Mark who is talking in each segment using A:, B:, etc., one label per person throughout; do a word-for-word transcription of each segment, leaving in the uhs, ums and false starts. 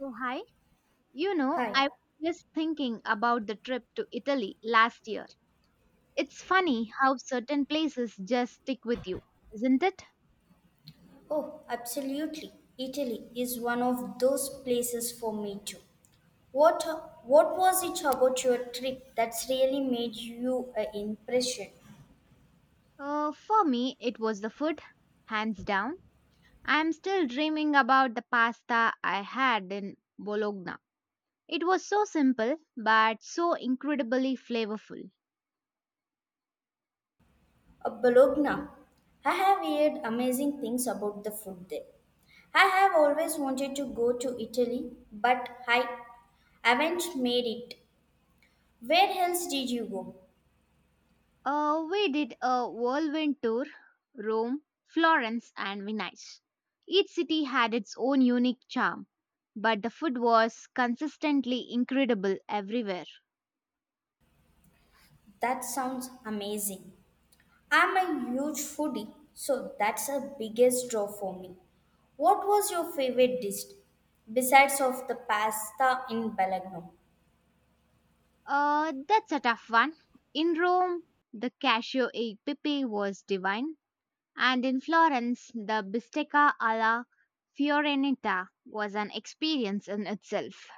A: Oh, hi. You know,
B: Hi.
A: I was just thinking about the trip to Italy last year. It's funny how certain places just stick with you, isn't it?
B: Oh, absolutely. Italy is one of those places for me too. What what was it about your trip that's really made you an impression?
A: Uh, for me, it was the food, hands down. I'm still dreaming about the pasta I had in Bologna. It was so simple, but so incredibly flavorful.
B: Uh, Bologna. I have heard amazing things about the food there. I have always wanted to go to Italy, but I haven't made it. Where else did you go?
A: Uh, we did a whirlwind tour Rome, Florence, and Venice. Each city had its own unique charm, but the food was consistently incredible everywhere.
B: That sounds amazing. I'm a huge foodie, so that's a biggest draw for me. What was your favorite dish besides of the pasta in Belgrano?
A: Uh, that's a tough one. In Rome, the cashew e pepe was divine, and in Florence, the bistecca alla Fiorentina was an experience in itself.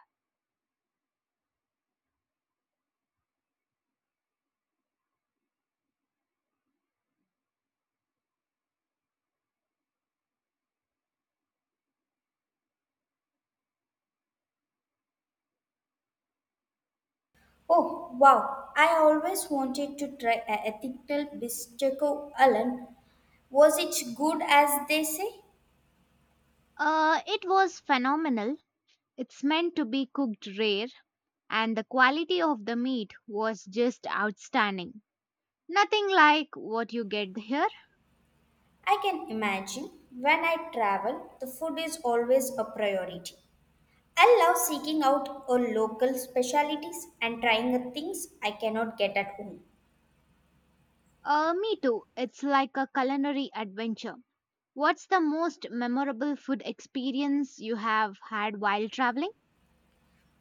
B: Oh wow, I always wanted to try a ethical bistecco Alan. Was it good as they say?
A: Uh, it was phenomenal. It's meant to be cooked rare, and the quality of the meat was just outstanding. Nothing like what you get here.
B: I can imagine when I travel, the food is always a priority. I love seeking out a local specialties and trying the things I cannot get at home.
A: Uh, me too. It's like a culinary adventure. What's the most memorable food experience you have had while traveling?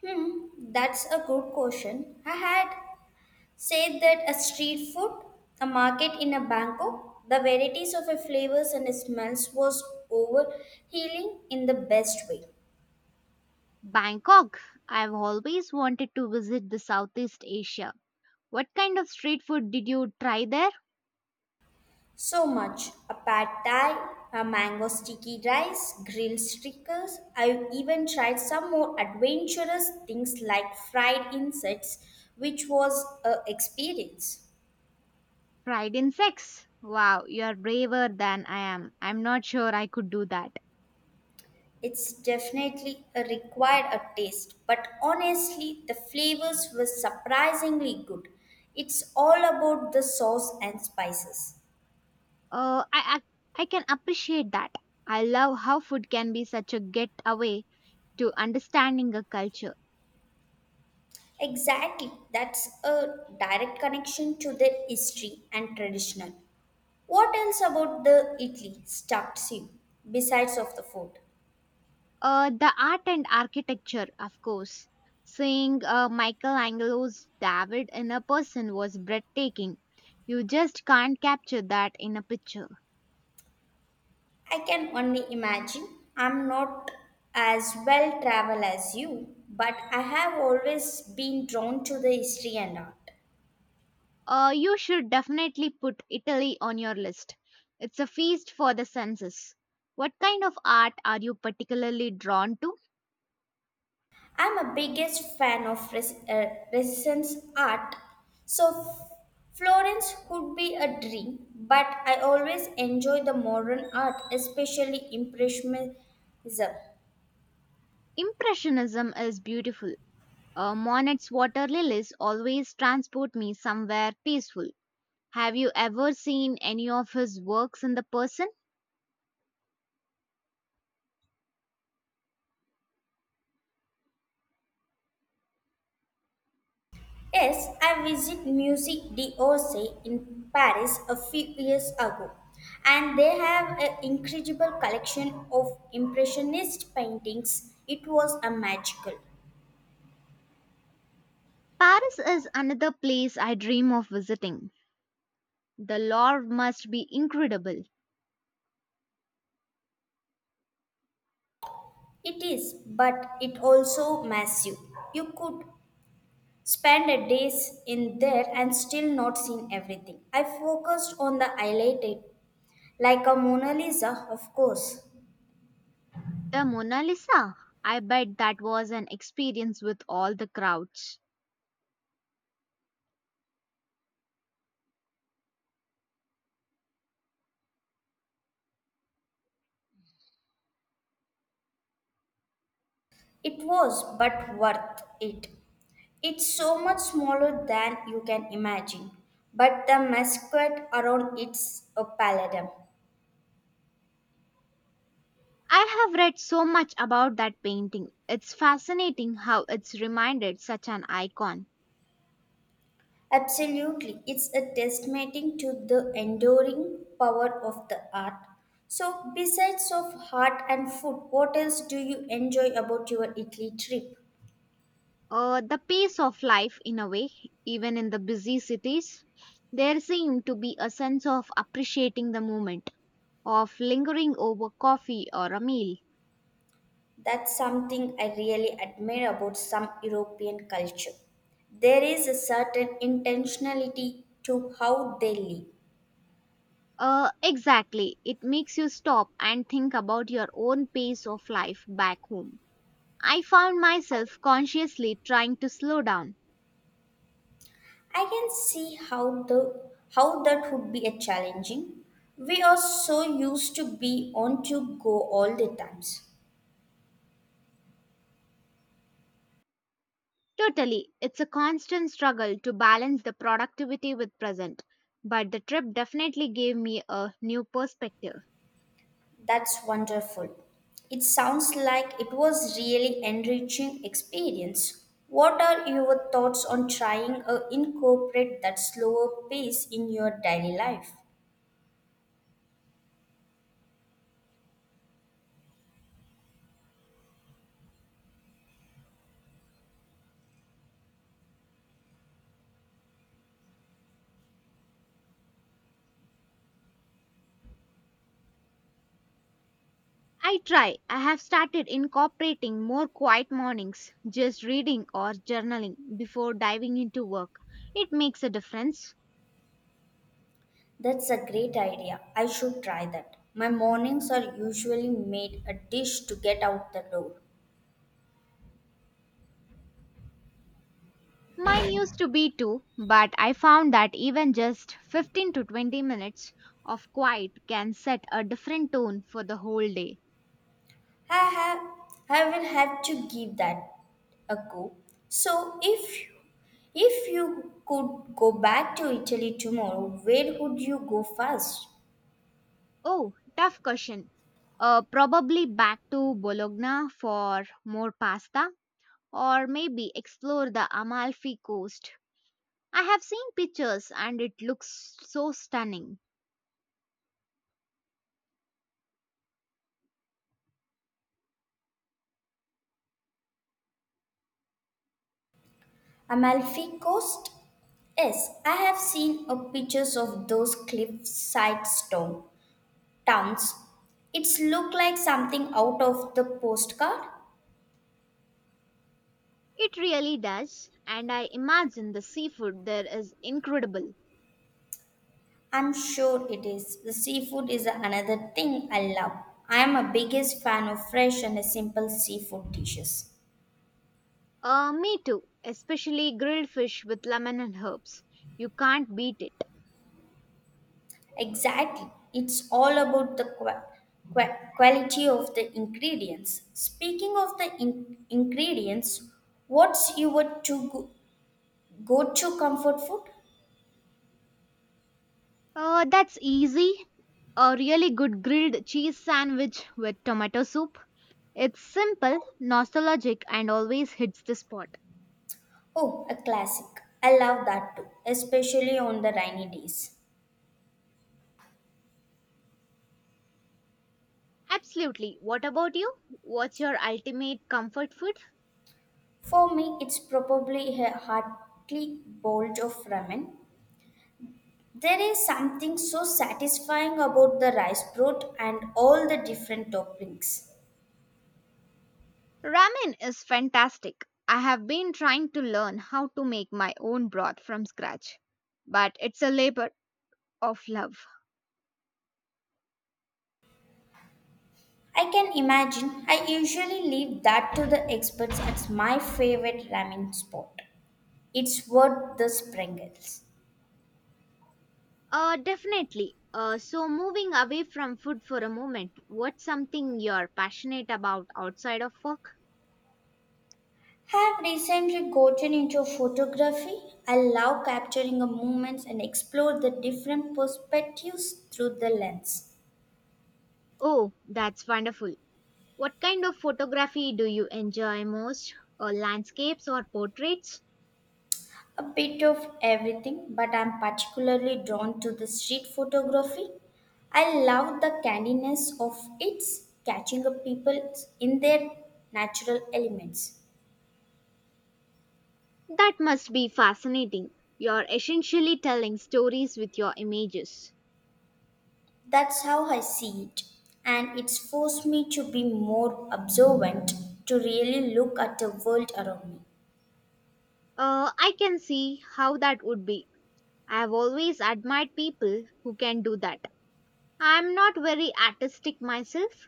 B: Hmm, that's a good question. I had said that a street food, a market in a Bangkok, the varieties of the flavors and smells was overhealing in the best way.
A: Bangkok. I've always wanted to visit the Southeast Asia. What kind of street food did you try there?
B: So much. A pad thai, a mango sticky rice, grilled stickers. I've even tried some more adventurous things like fried insects, which was a experience.
A: Fried insects. Wow, you are braver than I am. I'm not sure I could do that.
B: It's definitely a required a taste, but honestly, the flavors were surprisingly good. It's all about the sauce and spices.
A: Uh, I, I I can appreciate that. I love how food can be such a getaway to understanding a culture.
B: Exactly, that's a direct connection to their history and traditional. What else about the Italy stucks you besides of the food?
A: Uh, the art and architecture, of course. Seeing uh, Michelangelo's David in a person was breathtaking. You just can't capture that in a picture.
B: I can only imagine. I'm not as well traveled as you, but I have always been drawn to the history and art.
A: Uh, you should definitely put Italy on your list. It's a feast for the senses. What kind of art are you particularly drawn to?
B: I'm a biggest fan of res- uh, Renaissance art, so F- Florence could be a dream. But I always enjoy the modern art, especially Impressionism.
A: Impressionism is beautiful. Uh, Monet's water lilies always transport me somewhere peaceful. Have you ever seen any of his works in the person?
B: Yes, I visited Musique d'Orsay in Paris a few years ago, and they have an incredible collection of Impressionist paintings. It was a magical.
A: Paris is another place I dream of visiting. The lore must be incredible.
B: It is, but it also massive. You could spent a days in there and still not seen everything. I focused on the highlighted, like a Mona Lisa, of course.
A: The Mona Lisa. I bet that was an experience with all the crowds.
B: It was, but worth it. It's so much smaller than you can imagine, but the masquerade around it's a palladium.
A: I have read so much about that painting. It's fascinating how it's reminded such an icon.
B: Absolutely, it's a testament to the enduring power of the art. So, besides of heart and food, what else do you enjoy about your Italy trip?
A: Uh, the pace of life, in a way, even in the busy cities, there seemed to be a sense of appreciating the moment, of lingering over coffee or a meal.
B: That's something I really admire about some European culture. There is a certain intentionality to how they live.
A: Uh, exactly. It makes you stop and think about your own pace of life back home. I found myself consciously trying to slow down.
B: I can see how the how that would be a challenging. We are so used to be on to go all the times.
A: Totally, it's a constant struggle to balance the productivity with present, but the trip definitely gave me a new perspective.
B: That's wonderful. It sounds like it was really enriching experience. What are your thoughts on trying to incorporate that slower pace in your daily life?
A: I try. I have started incorporating more quiet mornings, just reading or journaling before diving into work. It makes a difference.
B: That's a great idea. I should try that. My mornings are usually made a dish to get out the door.
A: Mine used to be too, but I found that even just fifteen to twenty minutes of quiet can set a different tone for the whole day.
B: I have, I will have to give that a go. So if if you could go back to Italy tomorrow, where would you go first?
A: Oh, tough question. Uh, probably back to Bologna for more pasta, or maybe explore the Amalfi Coast. I have seen pictures and it looks so stunning.
B: Amalfi Coast? Yes, I have seen a pictures of those cliffside stone towns. It's look like something out of the postcard.
A: It really does, and I imagine the seafood there is incredible.
B: I'm sure it is. The seafood is another thing I love. I am a biggest fan of fresh and simple seafood dishes.
A: Uh, me too, especially grilled fish with lemon and herbs. You can't beat it.
B: Exactly. It's all about the qua- qua- quality of the ingredients. Speaking of the in- ingredients, what's your to go- go-to comfort food?
A: Uh, that's easy. A really good grilled cheese sandwich with tomato soup. It's simple, nostalgic, and always hits the spot.
B: Oh, a classic. I love that too, especially on the rainy days.
A: Absolutely. What about you? What's your ultimate comfort food?
B: For me, it's probably a hearty bowl of ramen. There is something so satisfying about the rice broth and all the different toppings.
A: Ramen is fantastic. I have been trying to learn how to make my own broth from scratch, but it's a labor of love.
B: I can imagine I usually leave that to the experts at my favorite ramen spot. It's worth the sprinkles.
A: Uh, definitely. Uh, so, moving away from food for a moment, what's something you're passionate about outside of work?
B: Have recently gotten into photography. I love capturing the moments and explore the different perspectives through the lens.
A: Oh, that's wonderful. What kind of photography do you enjoy most? Uh, landscapes or portraits?
B: A bit of everything, but I'm particularly drawn to the street photography. I love the candidness of it, catching up people in their natural elements.
A: That must be fascinating. You're essentially telling stories with your images.
B: That's how I see it, and it's forced me to be more observant, to really look at the world around me.
A: Uh, I can see how that would be. I have always admired people who can do that. I'm not very artistic myself.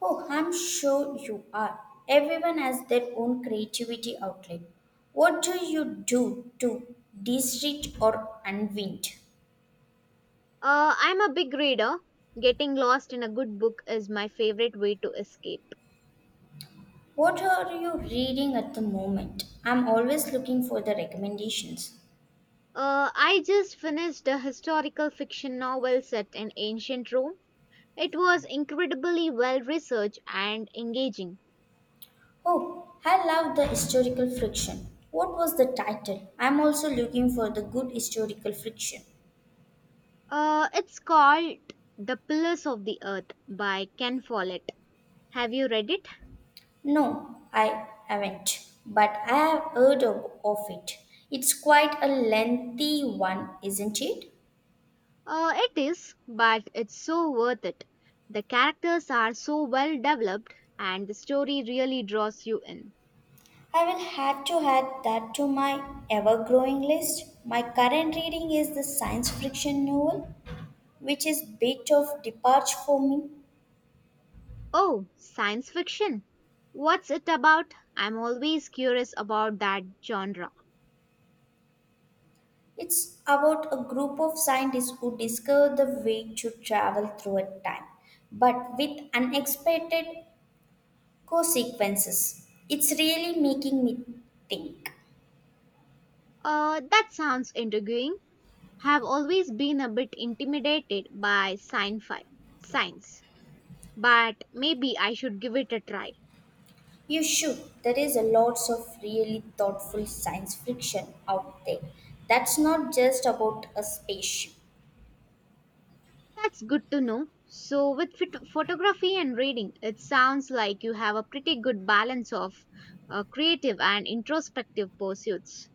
B: Oh, I'm sure you are. Everyone has their own creativity outlet. What do you do to de-stress or unwind?
A: Uh, I'm a big reader. Getting lost in a good book is my favorite way to escape.
B: What are you reading at the moment? I'm always looking for the recommendations.
A: Uh, I just finished a historical fiction novel set in ancient Rome. It was incredibly well researched and engaging.
B: Oh, I love the historical fiction. What was the title? I'm also looking for the good historical fiction.
A: Uh, it's called The Pillars of the Earth by Ken Follett. Have you read it?
B: No, I haven't, but I have heard of, of it. It's quite a lengthy one, isn't it?
A: Uh, it is, but it's so worth it. The characters are so well developed, and the story really draws you in.
B: I will have to add that to my ever growing list. My current reading is the science fiction novel, which is bit of departure for me.
A: Oh, science fiction. What's it about? I'm always curious about that genre.
B: It's about a group of scientists who discover the way to travel through a time, but with unexpected consequences. It's really making me think.
A: Uh, that sounds intriguing. Have always been a bit intimidated by sci-fi, science, but maybe I should give it a try.
B: You should. There is a lots of really thoughtful science fiction out there. That's not just about a spaceship.
A: That's good to know. So, with phot- photography and reading, it sounds like you have a pretty good balance of uh, creative and introspective pursuits.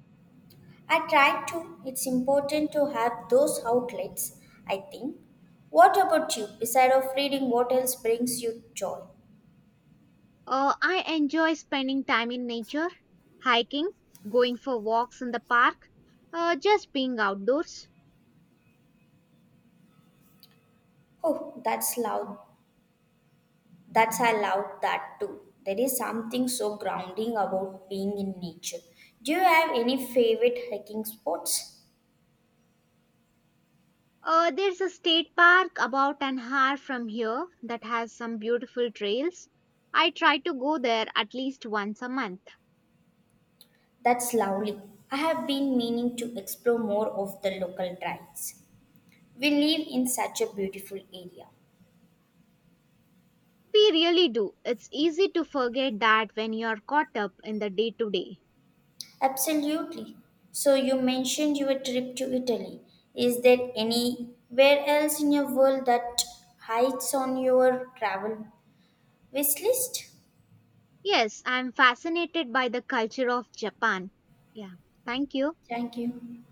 B: I try to. It's important to have those outlets, I think. What about you? Beside of reading, what else brings you joy?
A: Uh, I enjoy spending time in nature, hiking, going for walks in the park, uh, just being outdoors.
B: Oh, that's loud. That's I love that too. There is something so grounding about being in nature. Do you have any favorite hiking spots?
A: Uh, there's a state park about an hour from here that has some beautiful trails. I try to go there at least once a month.
B: That's lovely. I have been meaning to explore more of the local trails. We live in such a beautiful area.
A: We really do. It's easy to forget that when you're caught up in the day to day.
B: Absolutely. So you mentioned your trip to Italy. Is there anywhere else in your world that hides on your travel wish list?
A: Yes, I'm fascinated by the culture of Japan. Yeah, thank you.
B: Thank you.